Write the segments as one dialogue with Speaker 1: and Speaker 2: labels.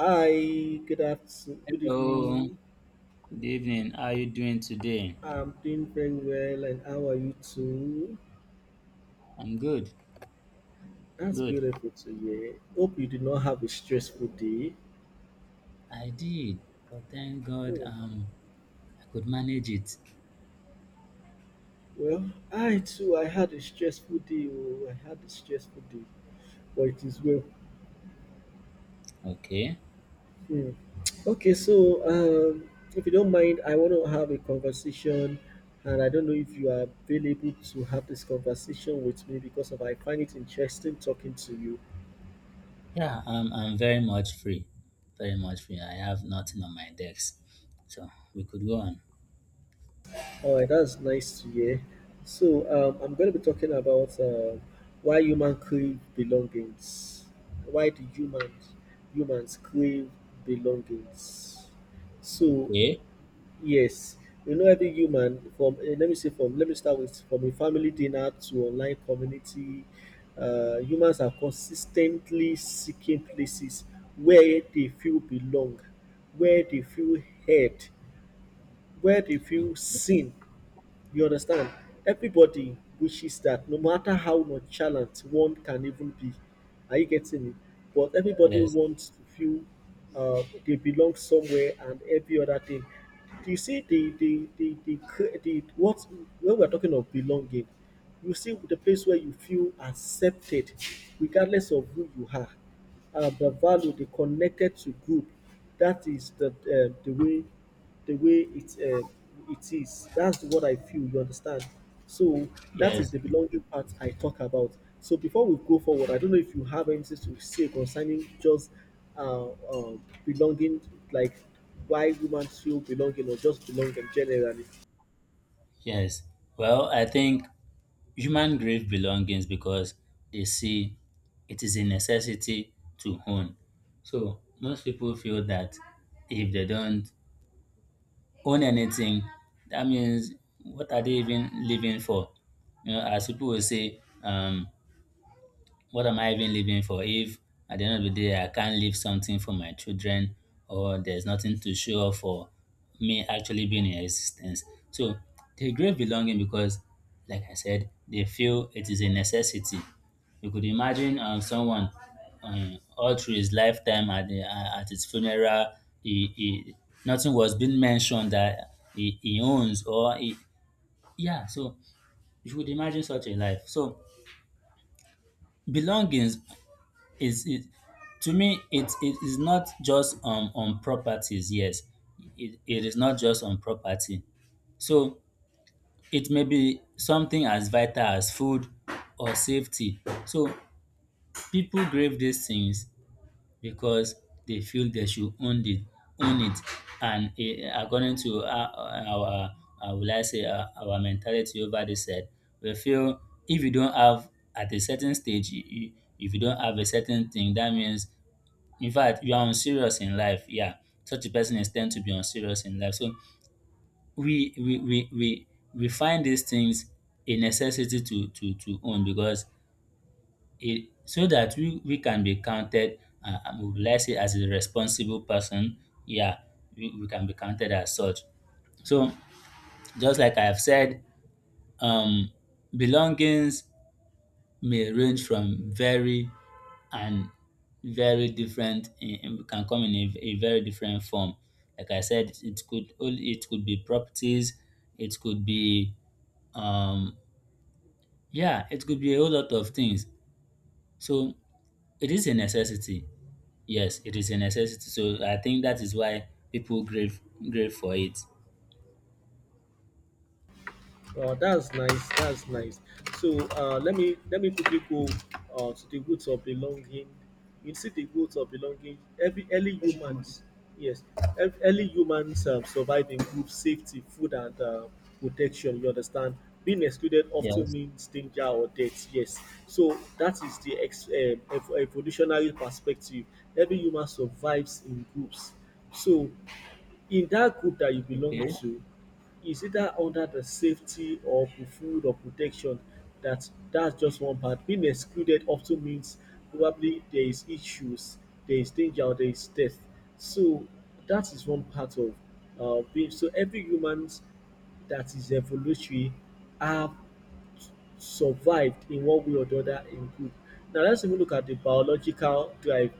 Speaker 1: Hi, good afternoon, good
Speaker 2: Hello,
Speaker 1: evening.
Speaker 2: good evening. How are you doing today?
Speaker 1: I'm doing very well, and how are you too?
Speaker 2: I'm good,
Speaker 1: That's
Speaker 2: good.
Speaker 1: beautiful to hear. Hope you did not have a stressful day.
Speaker 2: I did, but thank God
Speaker 1: Hmm.
Speaker 2: I could manage it.
Speaker 1: Well, I too, I had a stressful day. Oh, I had a stressful day, but it is well.
Speaker 2: Okay.
Speaker 1: Hmm. Okay, so um, if you don't mind, I want to have a conversation, and I don't know if you are available to have this conversation with me because of I find it interesting talking to you.
Speaker 2: Yeah, I'm very much free. Very much free. I have nothing on my decks. So we could go on.
Speaker 1: All right, that's nice to hear. So, I'm going to be talking about why human crave belongings. Why do humans crave belongings? So,
Speaker 2: Okay.
Speaker 1: yes, you know every human from let me say from let me start with from a family dinner to online community. Humans are consistently seeking places where they feel belong, where they feel heard, where they feel seen you understand? Everybody wishes that no matter how nonchalant one can even be, are you getting me? But everybody
Speaker 2: Yes,
Speaker 1: wants to feel they belong somewhere and every other thing. Do you see the what when we're talking of belonging? You see the place where you feel accepted, regardless of who you are, the value, the connected to group. That is the way the way it it is. That's what I feel. You understand? So that is
Speaker 2: yes,
Speaker 1: the belonging part I talk about. So before we go forward, I don't know if you have anything to say concerning just uh, uh, belonging, like why women feel belonging or just belonging generally.
Speaker 2: yes. Well, I think human grave belongings because they see it is a necessity to own. So most people feel that if they don't own anything, that means what are they even living for? You know, as people will say, what am I even living for if at the end of the day I can't leave something for my children or there's nothing to show off for me actually being in existence? So they crave belonging because, like I said, they feel it is a necessity. You could imagine someone all through his lifetime at his funeral, he, he, nothing was being mentioned that he owns or he, yeah. So you could imagine such a life. So belongings it's it to me it is not just on properties, yes. It is not just on property. So it may be something as vital as food or safety. So people grave these things because they feel they should own it, own it, and eh, according to our our our, will I say, our mentality over this said, we feel if you don't have at a certain stage if you don't have a certain thing, that means, in fact, you are unserious in life. Yeah, such a person is tend to be unserious in life. So we we we we, we find these things a necessity to own because it so that we can be counted. Let's say as a responsible person. Yeah, we can be counted as such. So just like I've said, um, belongings may range from very and very different can come in a very different form. Like I said, it could be properties, it could be um yeah, it could be a whole lot of things. So it is a necessity. Yes, it is a necessity. So I think that is why people crave for it.
Speaker 1: Oh, that's nice. That's nice. So let me quickly go to the roots of belonging. You see the roots of belonging. Every early humans, yes, early humans survived in group safety, food, and protection. You understand? Being excluded often
Speaker 2: Yes.
Speaker 1: means danger or death. Yes. So that is the evolutionary perspective. Every human survives in groups. So in that group that you belong
Speaker 2: Okay.
Speaker 1: to is either under the safety or the food or protection that that's just one part. Being excluded often means probably there is issues, there is danger, or there is death. So that is one part of being. So every humans that is evolutionary have survived in one way or the other in group. Now let's even look at the biological drive.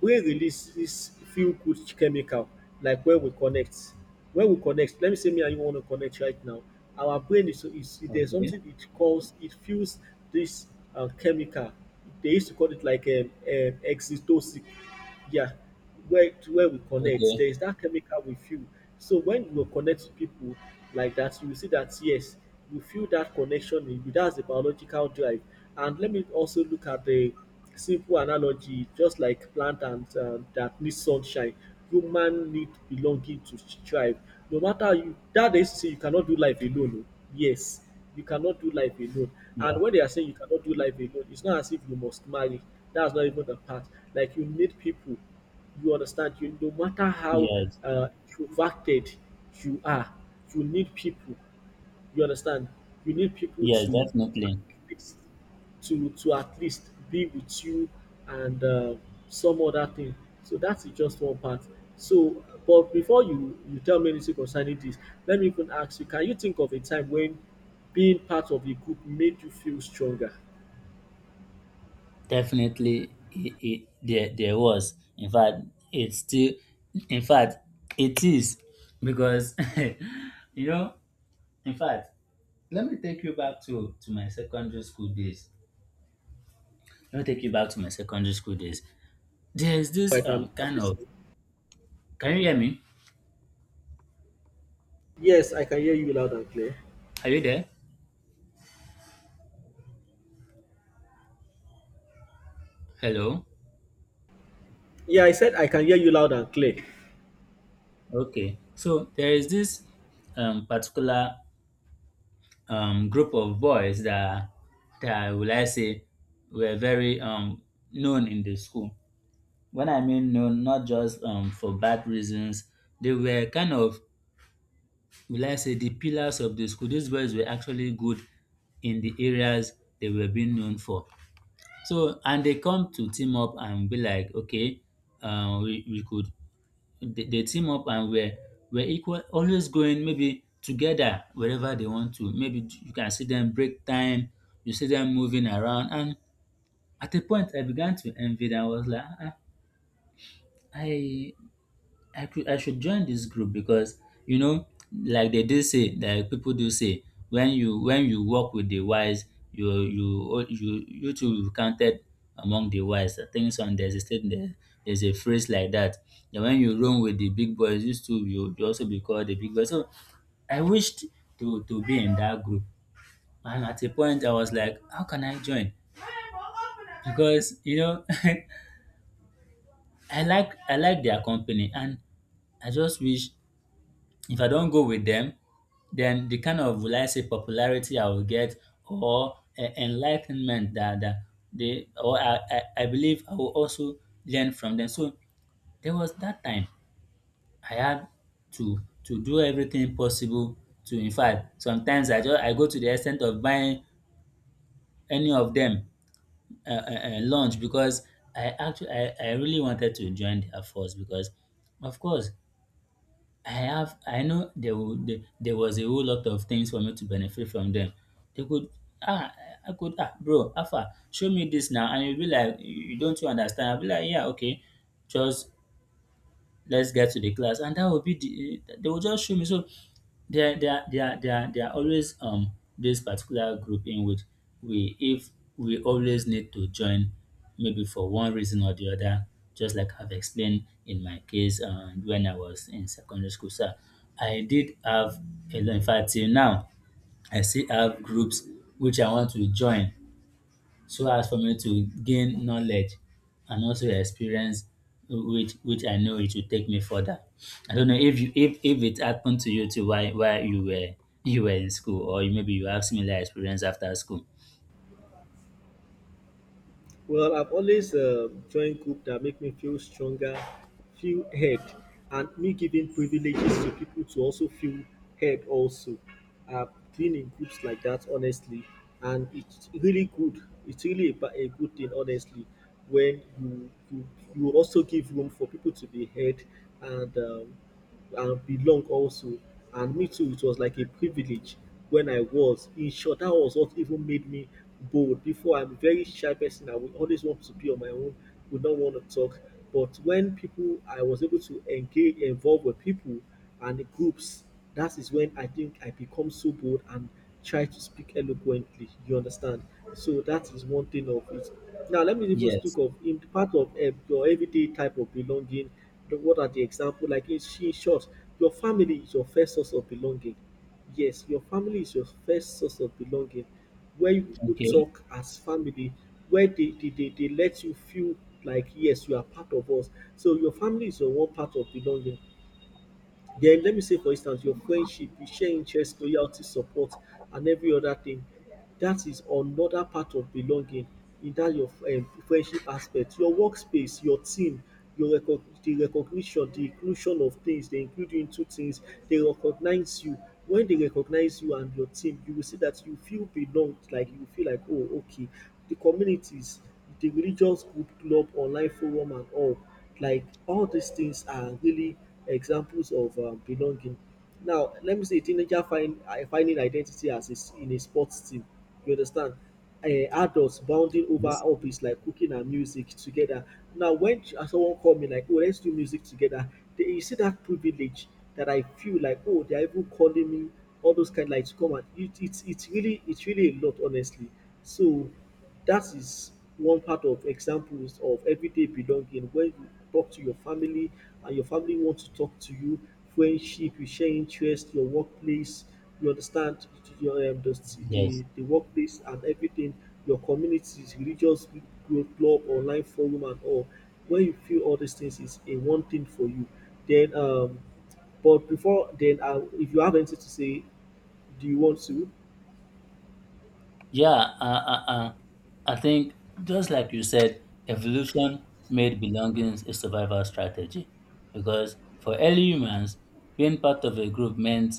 Speaker 1: Brain releases feel good chemical like when we connect. When we connect, let me say me and you want to connect right now. Our brain is, there's
Speaker 2: Okay.
Speaker 1: something it calls it feels this chemical. They used to call it like oxytocin. Yeah, where to where we connect,
Speaker 2: Okay.
Speaker 1: there is that chemical we feel. So when you connect to people like that, you will see that yes, you feel that connection in you. That's the biological drive. And let me also look at the simple analogy, just like plant and that need sunshine, human need belonging to thrive. No matter how you, that is to say you cannot do life alone. Oh. Yes, you cannot do life alone. And
Speaker 2: Yeah.
Speaker 1: when they are saying you cannot do life alone, it's not as if you must marry. That's not even the part. Like you need people you understand? You, no matter how
Speaker 2: Yes.
Speaker 1: introverted you are, you need people. You understand? You need people
Speaker 2: Yes.
Speaker 1: to
Speaker 2: Definitely.
Speaker 1: at least be with you and some other thing. So that's just one part. So, but before you tell me anything concerning this, let me even ask you: Can you think of a time when being part of a group made you feel stronger?
Speaker 2: Definitely, there there was. In fact, it's still. In fact, it is because you know. In fact, let me take you back to my secondary school days. Let me take you back to my secondary school days. There is
Speaker 1: I
Speaker 2: this
Speaker 1: can. I'm
Speaker 2: kind of.
Speaker 1: listening.
Speaker 2: Can you hear me?
Speaker 1: Yes, I can hear you loud and clear.
Speaker 2: Are you there? Hello.
Speaker 1: Yeah, I said I can hear you loud and clear.
Speaker 2: Okay. So there is this particular group of boys that will I say were very known in the school. When I mean no, not just for bad reasons, they were kind of, will I say, the pillars of the school. These boys were actually good in the areas they were being known for. So, and they come to team up and be like, okay, we could, they team up and we're equal, always going maybe together wherever they want to. Maybe you can see them break time, you see them moving around. And at a point, I began to envy them. I was like, ah, ah, I, I could I should join this group because, you know, like they do say, like people do say, when you work with the wise, you too will be counted among the wise. I think some there's a state there, there's a phrase like that. That when you roam with the big boys, you too you you also be called the big boys. So I wished to be in that group. And at a point I was like, how can I join? Because you know, I like their company, and I just wish. If I don't go with them, then the kind of, will I say, popularity I will get or enlightenment that, that they or I believe I will also learn from them. So there was that time I had to do everything possible to, in fact, sometimes I go to the extent of buying any of them lunch because I really wanted to join their force because, of course, I know there would, there was a whole lot of things for me to benefit from them. They could ah, I could ah, bro Alpha show me this now and you'll be like you don't, you understand? I'll be like, yeah, okay, just let's get to the class, and that will be the eh, they will just show me. So there are always this particular group in which we, if we always need to join maybe for one reason or the other, just like I've explained in my case, when I was in secondary school. So I did have a lot, in fact till now I still have groups which I want to join so as for me to gain knowledge and also experience, which I know it will take me further. I don't know if you if it happened to you too, while you were in school, or you- maybe you have similar experience after school.
Speaker 1: Well, I've always joined groups that make me feel stronger, feel heard, and me giving privileges to people to also feel heard also. I've been in groups like that, honestly, and it's really good. It's really a, a good thing, honestly, when you also give room for people to be heard and um, and belong also. And me too, it was like a privilege when I was. In short, that was what even made me bold. Before, I'm a very shy person. I would always want to be on my own, would not want to talk. But when people, I was able to engage, involve with people and groups, that is when I think I become so bold and try to speak eloquently. You understand? So that is one thing of it. Now let me even speak
Speaker 2: Yes.
Speaker 1: of in part of your everyday type of belonging. What are the example? Like in in short, your family is your first source of belonging. Yes, your family is your first source of belonging. Where you people
Speaker 2: Okay.
Speaker 1: talk as family, where they let you feel like yes, you are part of us. So your family is your one part of belonging. Then let me say, for instance, your friendship, you share interest, loyalty, support, and every other thing. That is another part of belonging in that your friendship aspect. Your workspace, your team, your the recognition, the inclusion of things, they include you into things, they recognize you. When they recognize you and your team, you will see that you feel belonged, like you feel like, oh, okay. The communities, the religious group, club, online forum, and all like all these things are really examples of belonging. Now, let me say a teenager finding identity as is in a sports team. You understand? Adults bounding over
Speaker 2: Yes.
Speaker 1: hobbies like cooking and music together. Now, when someone call me like, "Oh, let's do music together," they, you see that privilege that I feel like, "Oh, they are even calling me." All those kind like to come and it, it's really a lot honestly. So that is one part of examples of everyday belonging when you talk to your family and your family want to talk to you, friendship, you share interest, your workplace, you understand your
Speaker 2: Yes.
Speaker 1: the workplace and everything, your communities, religious group, club, online forum and all. When you feel all these things is a one thing for you, then but before then if you have anything to say, do you want to?
Speaker 2: Yeah, uh, uh, uh, I think, just like you said, evolution made belongings a survival strategy because for early humans, being part of a group meant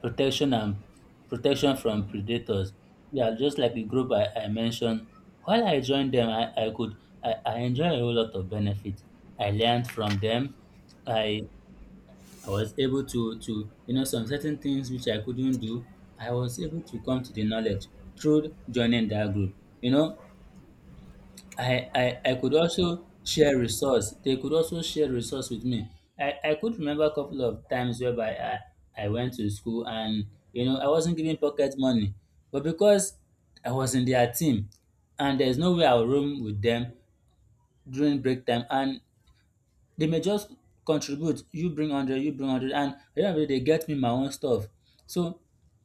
Speaker 2: protection and protection from predators. Yeah, just like the group I mentioned, while I joined them, I could I enjoy a whole lot of benefits. I learned from them. I I was able to you know some certain things which I couldn't do, I was able to come to the knowledge through joining that group. You know, I could also share resource. They could also share resource with me. I could remember a couple of times whereby I went to school, and you know I wasn't given pocket money. But because I was in their team, and there's no way I'll room with them during break time, and they may just contribute, you bring 100, you bring 100, and at the end of the day, they get me my own stuff. So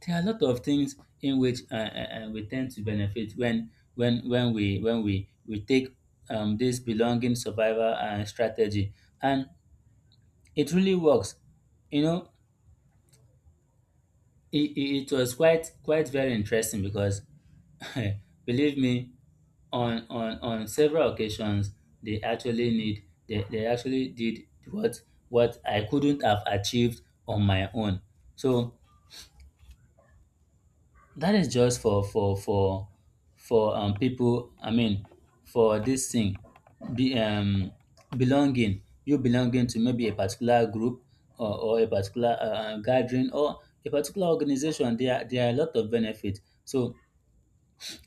Speaker 2: there are a lot of things in which we tend to benefit when we when we take this belonging survival strategy, and it really works. You know, it was quite very interesting because, believe me, on several occasions they actually need they actually did what what I couldn't have achieved on my own. So that is just for for people. I mean, for this thing, be belonging. You belonging to maybe a particular group, or a particular gathering, or a particular organization. There are a lot of benefits. So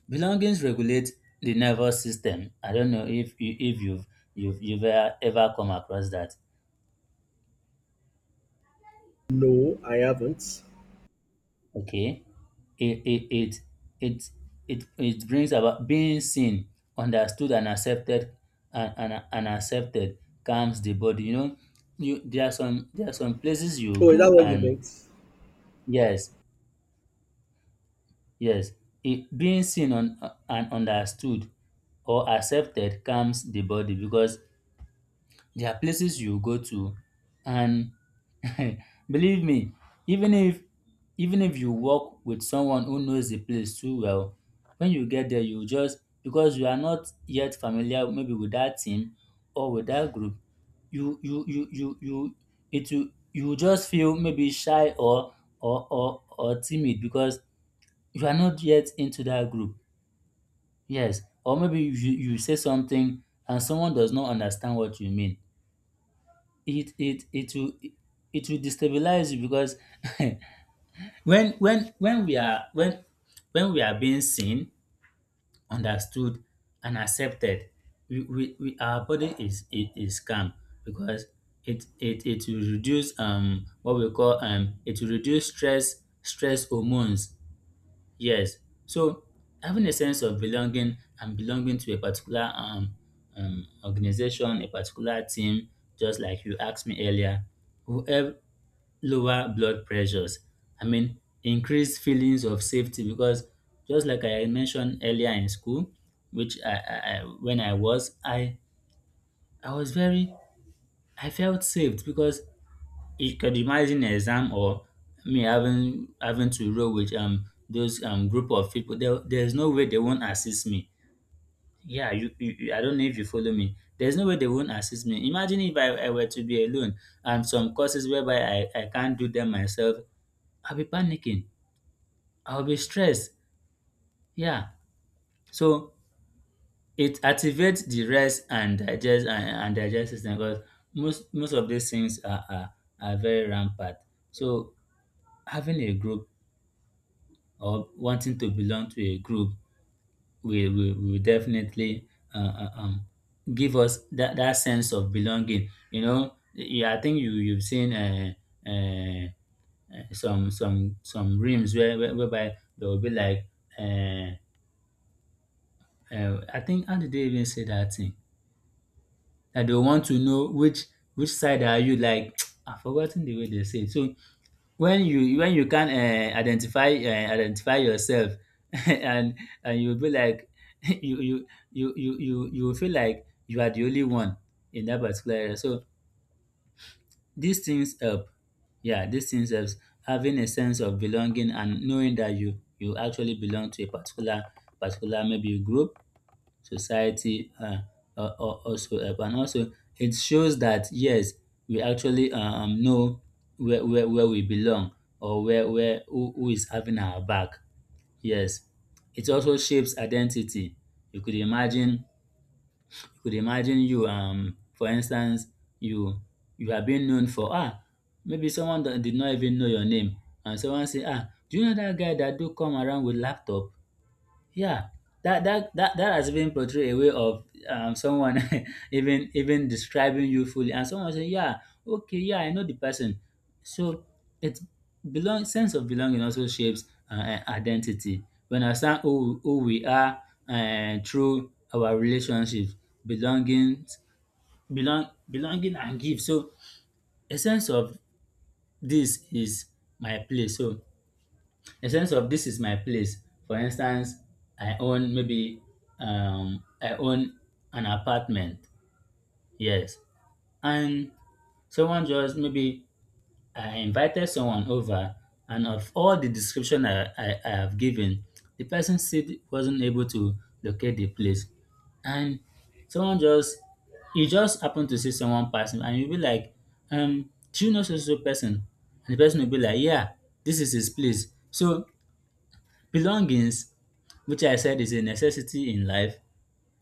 Speaker 2: belongings regulate the nervous system. I don't know if you, if you've you've ever, ever come across that.
Speaker 1: No, I haven't.
Speaker 2: Okay. It it it it it brings about being seen, understood and accepted, and, and accepted calms the body. You know, you there are some, there are some places you
Speaker 1: Oh, is that
Speaker 2: go
Speaker 1: what you
Speaker 2: and
Speaker 1: meant?
Speaker 2: yes, yes. It, being seen on, and understood or accepted calms the body because there are places you go to, and believe me, even if, even if you work with someone who knows the place too well, when you get there you just, because you are not yet familiar maybe with that team or with that group, you, it will, you will just feel maybe shy or or timid because you are not yet into that group. Yes, or maybe you say something and someone does not understand what you mean. It will, it will destabilize you because when we are, when we are being seen, understood, and accepted, we, our body is, it is calm because it will reduce what we call um, it will reduce stress hormones. Yes. So having a sense of belonging and belonging to a particular organization, a particular team, just like you asked me earlier, will help lower blood pressures. I mean, increase feelings of safety because, just like I mentioned earlier in school, which I when I was, I was very, I felt saved because, it could imagine an exam, or me having to roll with those group of people. There's no way they won't assist me. Yeah, you- I don't know if you follow me. There's no way they won't assist me. Imagine if I were to be alone and some courses whereby I can't do them myself. I'll be panicking. I'll be stressed. Yeah. So it activates the rest and digest system because most of these things are very rampant. So having a group or wanting to belong to a group will definitely uh, uh, um, give us that sense of belonging. You know, yeah, I think you've seen uh, some rooms whereby they will be like, uh, I think, how did they even say that thing? That they want to know which side are you like. I've forgotten the way they say it. So when you can't identify yourself and and you be like you will feel like you are the only one in that particular area. So these things help. Yeah, these things helps having a sense of belonging and knowing that you actually belong to a particular maybe group, society, whatsoever. And also it shows that yes, we actually know where we belong, or where who is having our back. Yes. It also shapes identity. You could imagine you could imagine you, for instance, you you are being known for ah maybe someone that did not even know your name, and someone say, "Ah, do you know dat guy dat do come around with laptop?" Yeah, that has been portrayed a way of, someone even describing you fully, and someone say, "Yeah, okay, yeah, I know the person." So it, belong sense of belonging also shapes identity. We understand who we are through our relationships, belonging, belonging and give. So a sense of this is my place. So a sense of this is my place. For instance, I own maybe, I own an apartment. Yes, and someone just maybe, I invited someone over, and of all the description I have given, the person still wasn't able to locate the place, and someone just you just happen to see someone passing, and you'll be like, do you know so so person? And the person will be like, yeah, this is his place. So belongings, which I said is a necessity in life,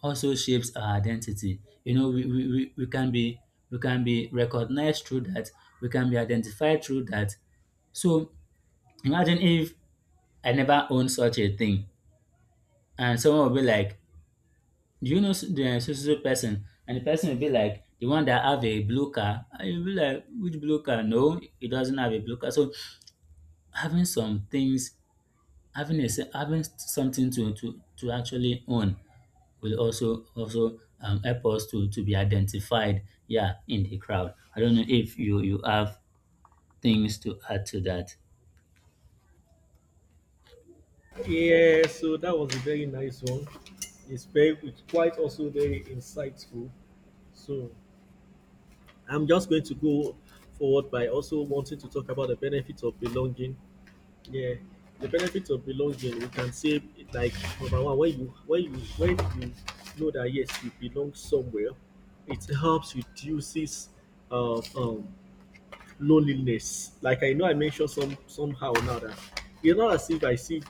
Speaker 2: also shapes our identity. You know, we can be, we can be recognized through that, we can be identified through that. So imagine if I never own such a thing, and someone will be like, "Do you know the so so so person?" And the person will be like, "The one that have a blue car." And you'll be like, "Which blue car? No, it doesn't have a blue car." So having some things, having a having something to actually own will also help us to be identified, yeah, in the crowd. I don't know if you have things to add to that.
Speaker 1: Yeah, so that was a very nice one. It's very it's quite also very insightful. So I'm just going to go forward by also wanting to talk about the benefits of belonging. Yeah. The benefits of belonging, we can say like number one, when you know that yes, you belong somewhere, it helps reduces uh, um loneliness. Like I know I mentioned some somehow now that it's not as if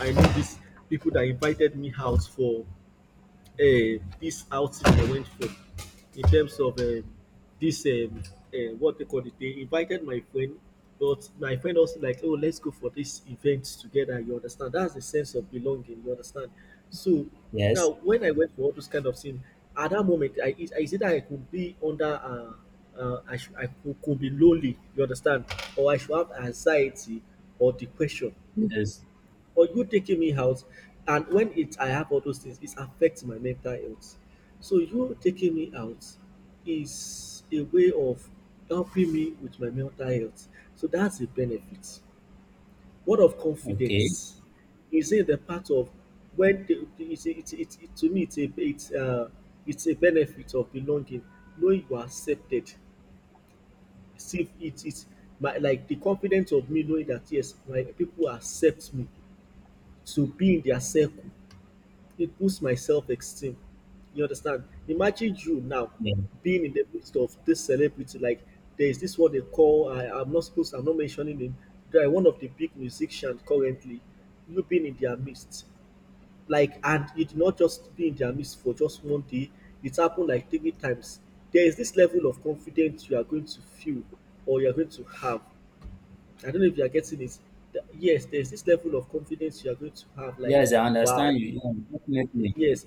Speaker 1: I know these people that invited me out for uh, this outing I went for in terms of this what they call it. They invited my friend, but my friend also like, oh, let's go for this event together. You understand? That's the sense of belonging. You understand? So now,
Speaker 2: Yes.
Speaker 1: when I went for all those kind of things, at that moment, I said that I could be under. I, should, could be lonely, you understand, or I should have anxiety or depression
Speaker 2: Yes.
Speaker 1: or you taking me out, and when it I have all those things it affects my mental health. So you taking me out is a way of helping me with my mental health. So that's a benefit. Word of
Speaker 2: Okay.
Speaker 1: confidence is in the part of when the it's, it, to me it's a benefit of belonging, knowing you are accepted. See if it is my like the confidence of me knowing that yes my people accept me to be in their circle. It boosts my self esteem. You understand? Imagine you now
Speaker 2: Yeah.
Speaker 1: being in the midst of this celebrity. Like there is this what they call I'm not supposed I'm not mentioning him. They are one of the big musicians currently. You being in their midst. Like and you did not just be in their midst for just one day. It happened like three times. There is this level of confidence you are going to feel or you are going to have. I don't know if you are getting it. Yes, there's this level of confidence you are going to have. Like,
Speaker 2: Yes, I
Speaker 1: wow,
Speaker 2: understand you. Yeah, definitely.
Speaker 1: yes,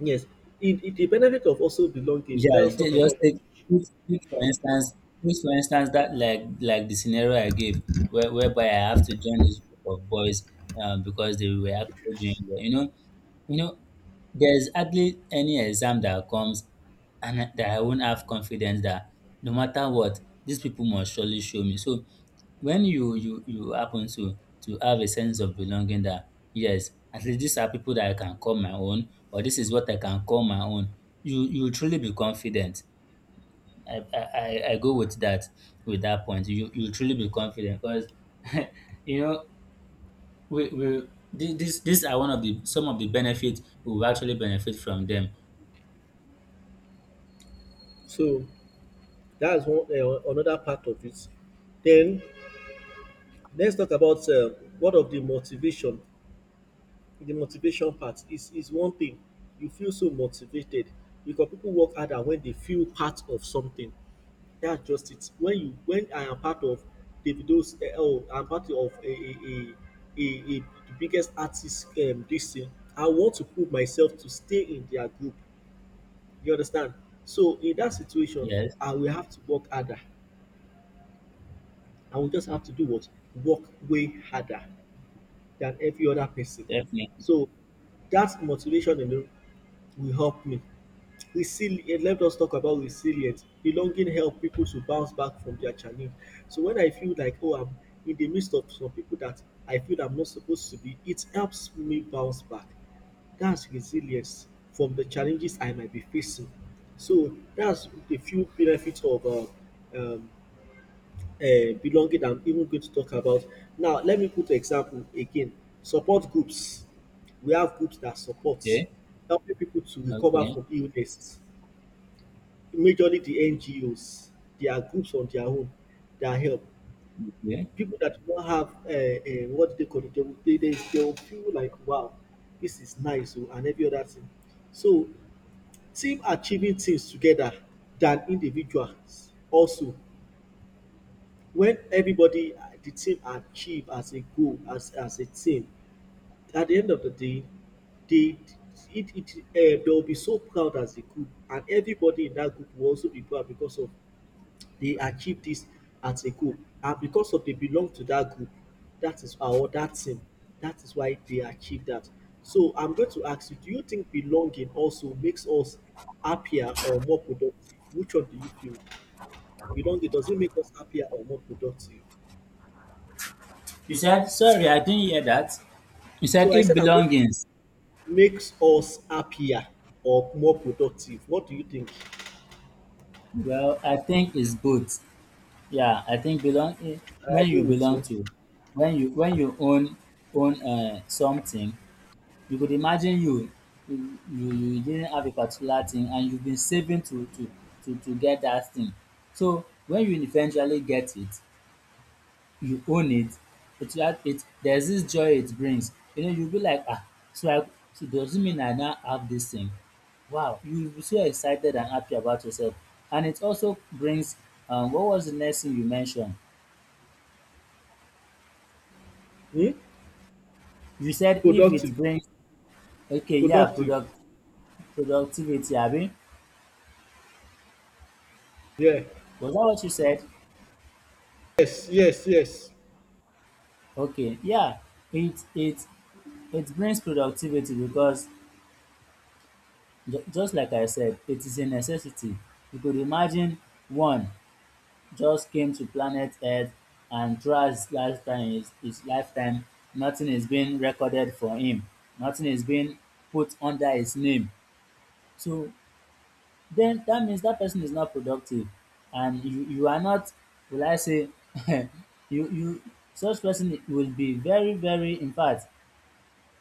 Speaker 1: yes, it in the benefit of also belonging, let
Speaker 2: Yeah,
Speaker 1: us talk
Speaker 2: they just
Speaker 1: about that.
Speaker 2: take, take, take for instance, take for instance that, like the scenario I gave, whereby I have to join this group of boys because they were actually doing well. You know, there's hardly any exam that comes that I won't have confidence that no matter what, these people must surely show me. So when you happen to have a sense of belonging that yes, at least these are people that I can call my own, or this is what I can call my own, you truly be confident. I go with that point. You truly be confident because you know, we thi- this these are one of the some of the benefits we will actually benefit from them.
Speaker 1: So that's one another part of it. Then let's talk about what of the motivation. The motivation part is one thing. You feel so motivated because people work harder when they feel part of something. That's just it. When I am part of Davido's, I'm part of a the biggest artist this thing. I want to prove myself to stay in their group. You understand? So in that situation,
Speaker 2: Yes,
Speaker 1: I will have to work harder. I will just have to do what? Work way harder than every other person.
Speaker 2: definitely.
Speaker 1: So that motivation alone will help me. Let us talk about resilience. Belonging help people to bounce back from their challenge. So when I feel like, oh, I'm in the midst of some people that I feel I'm not supposed to be, it helps me bounce back. That's resilience from the challenges I might be facing. So that's a few benefits of um, belonging. I'm even going to talk about now. Let me put example again. Support groups. We have groups that supports
Speaker 2: okay
Speaker 1: helping people to recover
Speaker 2: okay
Speaker 1: from illness majorly the NGOs, there are groups on their own that help.
Speaker 2: Okay.
Speaker 1: People that do not have what they call it, they will feel like, wow, this is nice, oh, and every other thing. So, team achieving things together than individuals. Also, when everybody, the team achieve as a goal, as a team, at the end of the day, they it, it they will be so proud as a group and everybody in that group will also be proud because of they achieve this as a goal. And because of they belong to that group, that is or that team, that is why they achieve that. So I'm going to ask you, do you think belonging also makes us happier or more productive? Which one do you feel? Belonging, does it make us happier or more productive?
Speaker 2: You said, sorry, I didn't hear that. You
Speaker 1: So
Speaker 2: said
Speaker 1: I
Speaker 2: if
Speaker 1: said I'm going to
Speaker 2: belongings.
Speaker 1: makes us happier or more productive. What do you think?
Speaker 2: Well, I think it's both. Yeah, I think belong, eh,
Speaker 1: I
Speaker 2: when you
Speaker 1: agree with
Speaker 2: belong
Speaker 1: you.
Speaker 2: to, when you own, own something, you could imagine you, you didn't have a particular thing and you've been saving to get that thing. So when you eventually get it, you own it, it had it, there's this joy it brings. You know, you'll be like, ah, so I, so does it mean I now have this thing? Wow, you'll be so excited and happy about yourself. And it also brings, what was the next thing you mentioned?
Speaker 1: Hmm?
Speaker 2: You said if it
Speaker 1: Productive.
Speaker 2: brings. Okay, yeah,
Speaker 1: Productive.
Speaker 2: productivity, Abby.
Speaker 1: Yeah.
Speaker 2: Was that what you said?
Speaker 1: Yes, yes, yes.
Speaker 2: Okay, yeah, it it it brings productivity because, just like I said, it is a necessity. You could imagine one just came to planet Earth and throughout his lifetime, his lifetime, nothing is being recorded for him. Nothing is being put under his name. So then that means that person is not productive, and you are not, will I say you you such person will be very very, in fact,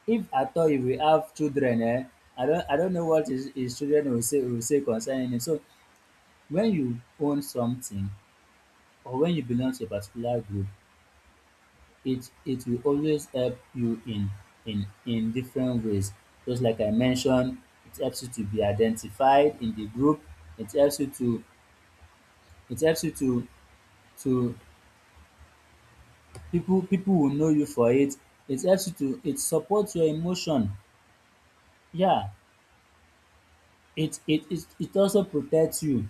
Speaker 2: if at all you will have children, eh, I don't know what his children will say concerning it. So when you own something or when you belong to a particular group, it will always help you in in different ways. Just like I mentioned, it helps you to be identified in the group, it helps you to, it helps you to so people, people will know you for it. It helps you to, it supports your emotion. Yeah, it also protects you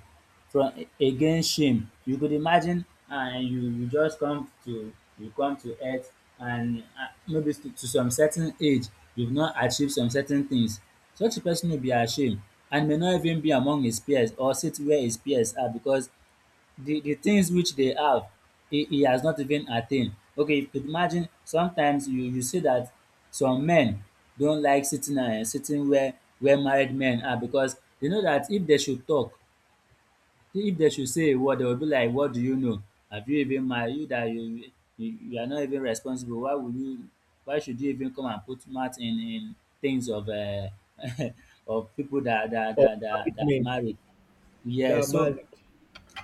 Speaker 2: from, against shame. You could imagine, and you just come to you come to earth and, maybe to some certain age you've not achieved some certain things. Such a person will be ashamed and may not even be among his peers or sit where his peers are because the things which they have, he has not even attained. Okay, you could imagine sometimes you see that some men don't like sitting where married men are because they know that if they should talk, if they should say a word, they will be like, "What do you know? Have you even married? You that you are not even responsible. Why would you? Why should you even come and put mouth in things of of people
Speaker 1: Or I
Speaker 2: that
Speaker 1: mean?
Speaker 2: married?"
Speaker 1: They
Speaker 2: Yeah,
Speaker 1: are
Speaker 2: so.
Speaker 1: married.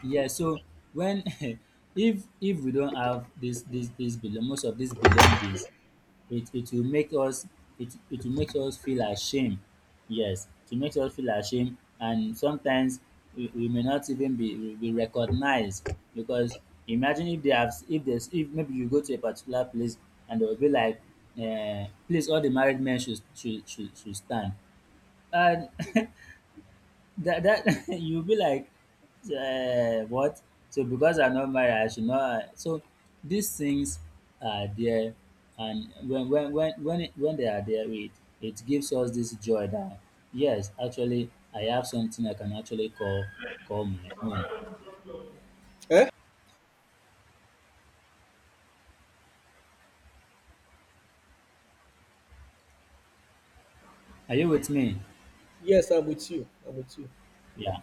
Speaker 2: Yeah, so when if we don't have this this this belong most of these belongings, it will make us, it will make us feel ashamed. Yes, to make us feel ashamed, and sometimes we may not even be we be recognized because imagine if they have, if there's, if maybe you go to a particular place and they'll be like, please all the married men should stand. And that that you'll be like, what? So because I'm not married, I should not. So these things are there, and when it, when they are there, it gives us this joy that yes, actually, I have something I can actually call my own.
Speaker 1: Eh?
Speaker 2: Are you with me?
Speaker 1: Yes, I'm with you. I'm with you.
Speaker 2: Yeah,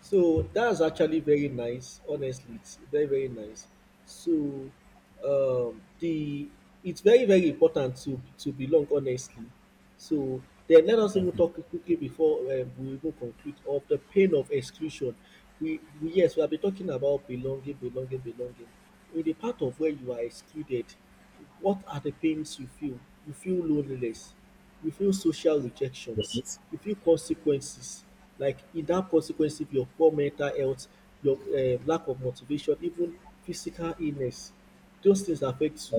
Speaker 1: So that's actually very nice. Honestly, it's very very nice. So the it's very very important to belong honestly. So then let us even
Speaker 2: definitely.
Speaker 1: talk quickly before we even conclude of the pain of exclusion. We yes we have been talking about belonging, belonging, belonging. In the part of where you are excluded, what are the pains you feel? You feel loneliness, you feel social rejections,
Speaker 2: Yes,
Speaker 1: you feel consequences like in that consequence if your poor mental health, your lack of motivation, even physical illness. Those things affect you.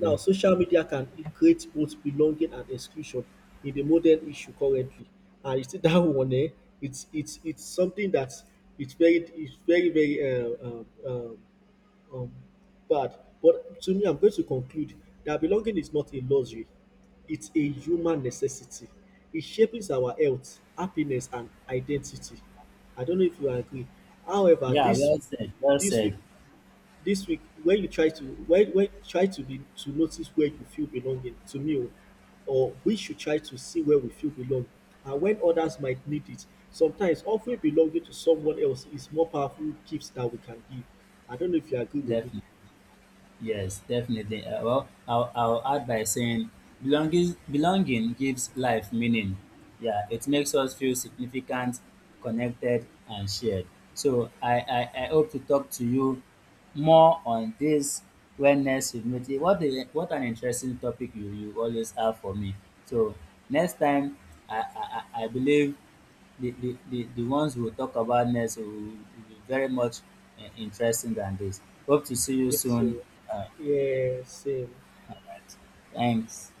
Speaker 1: Now social media can create both belonging and exclusion in the modern issue currently. And you see that one it's something that it's very very um um um, bad. But to me, I'm going to conclude that belonging is not a luxury, it's a human necessity. It shapes our health, happiness, and identity. I don't know if you agree. However,
Speaker 2: Yeah, well said. Well
Speaker 1: this week,
Speaker 2: said.
Speaker 1: this week, when you try to when try to be to notice where you feel belonging, to me, oh, or we should try to see where we feel belong and when others might need it. Sometimes offering belonging to someone else is more powerful gifts that we can give. I don't know if you agree with me.
Speaker 2: Definitely. Yes, definitely. Well, I'll add by saying belonging, belonging gives life meaning. Yeah, it makes us feel significant, connected, and shared. So I hope to talk to you more on this when next we meet. Eh, what, a, what an interesting topic you always have for me. So next time, I, I, I believe the ones we'll talk about next will be very much, eh, interesting than this. Hope to see you
Speaker 1: Yes,
Speaker 2: soon.
Speaker 1: so
Speaker 2: Uh,
Speaker 1: yeah, same.
Speaker 2: Thanks.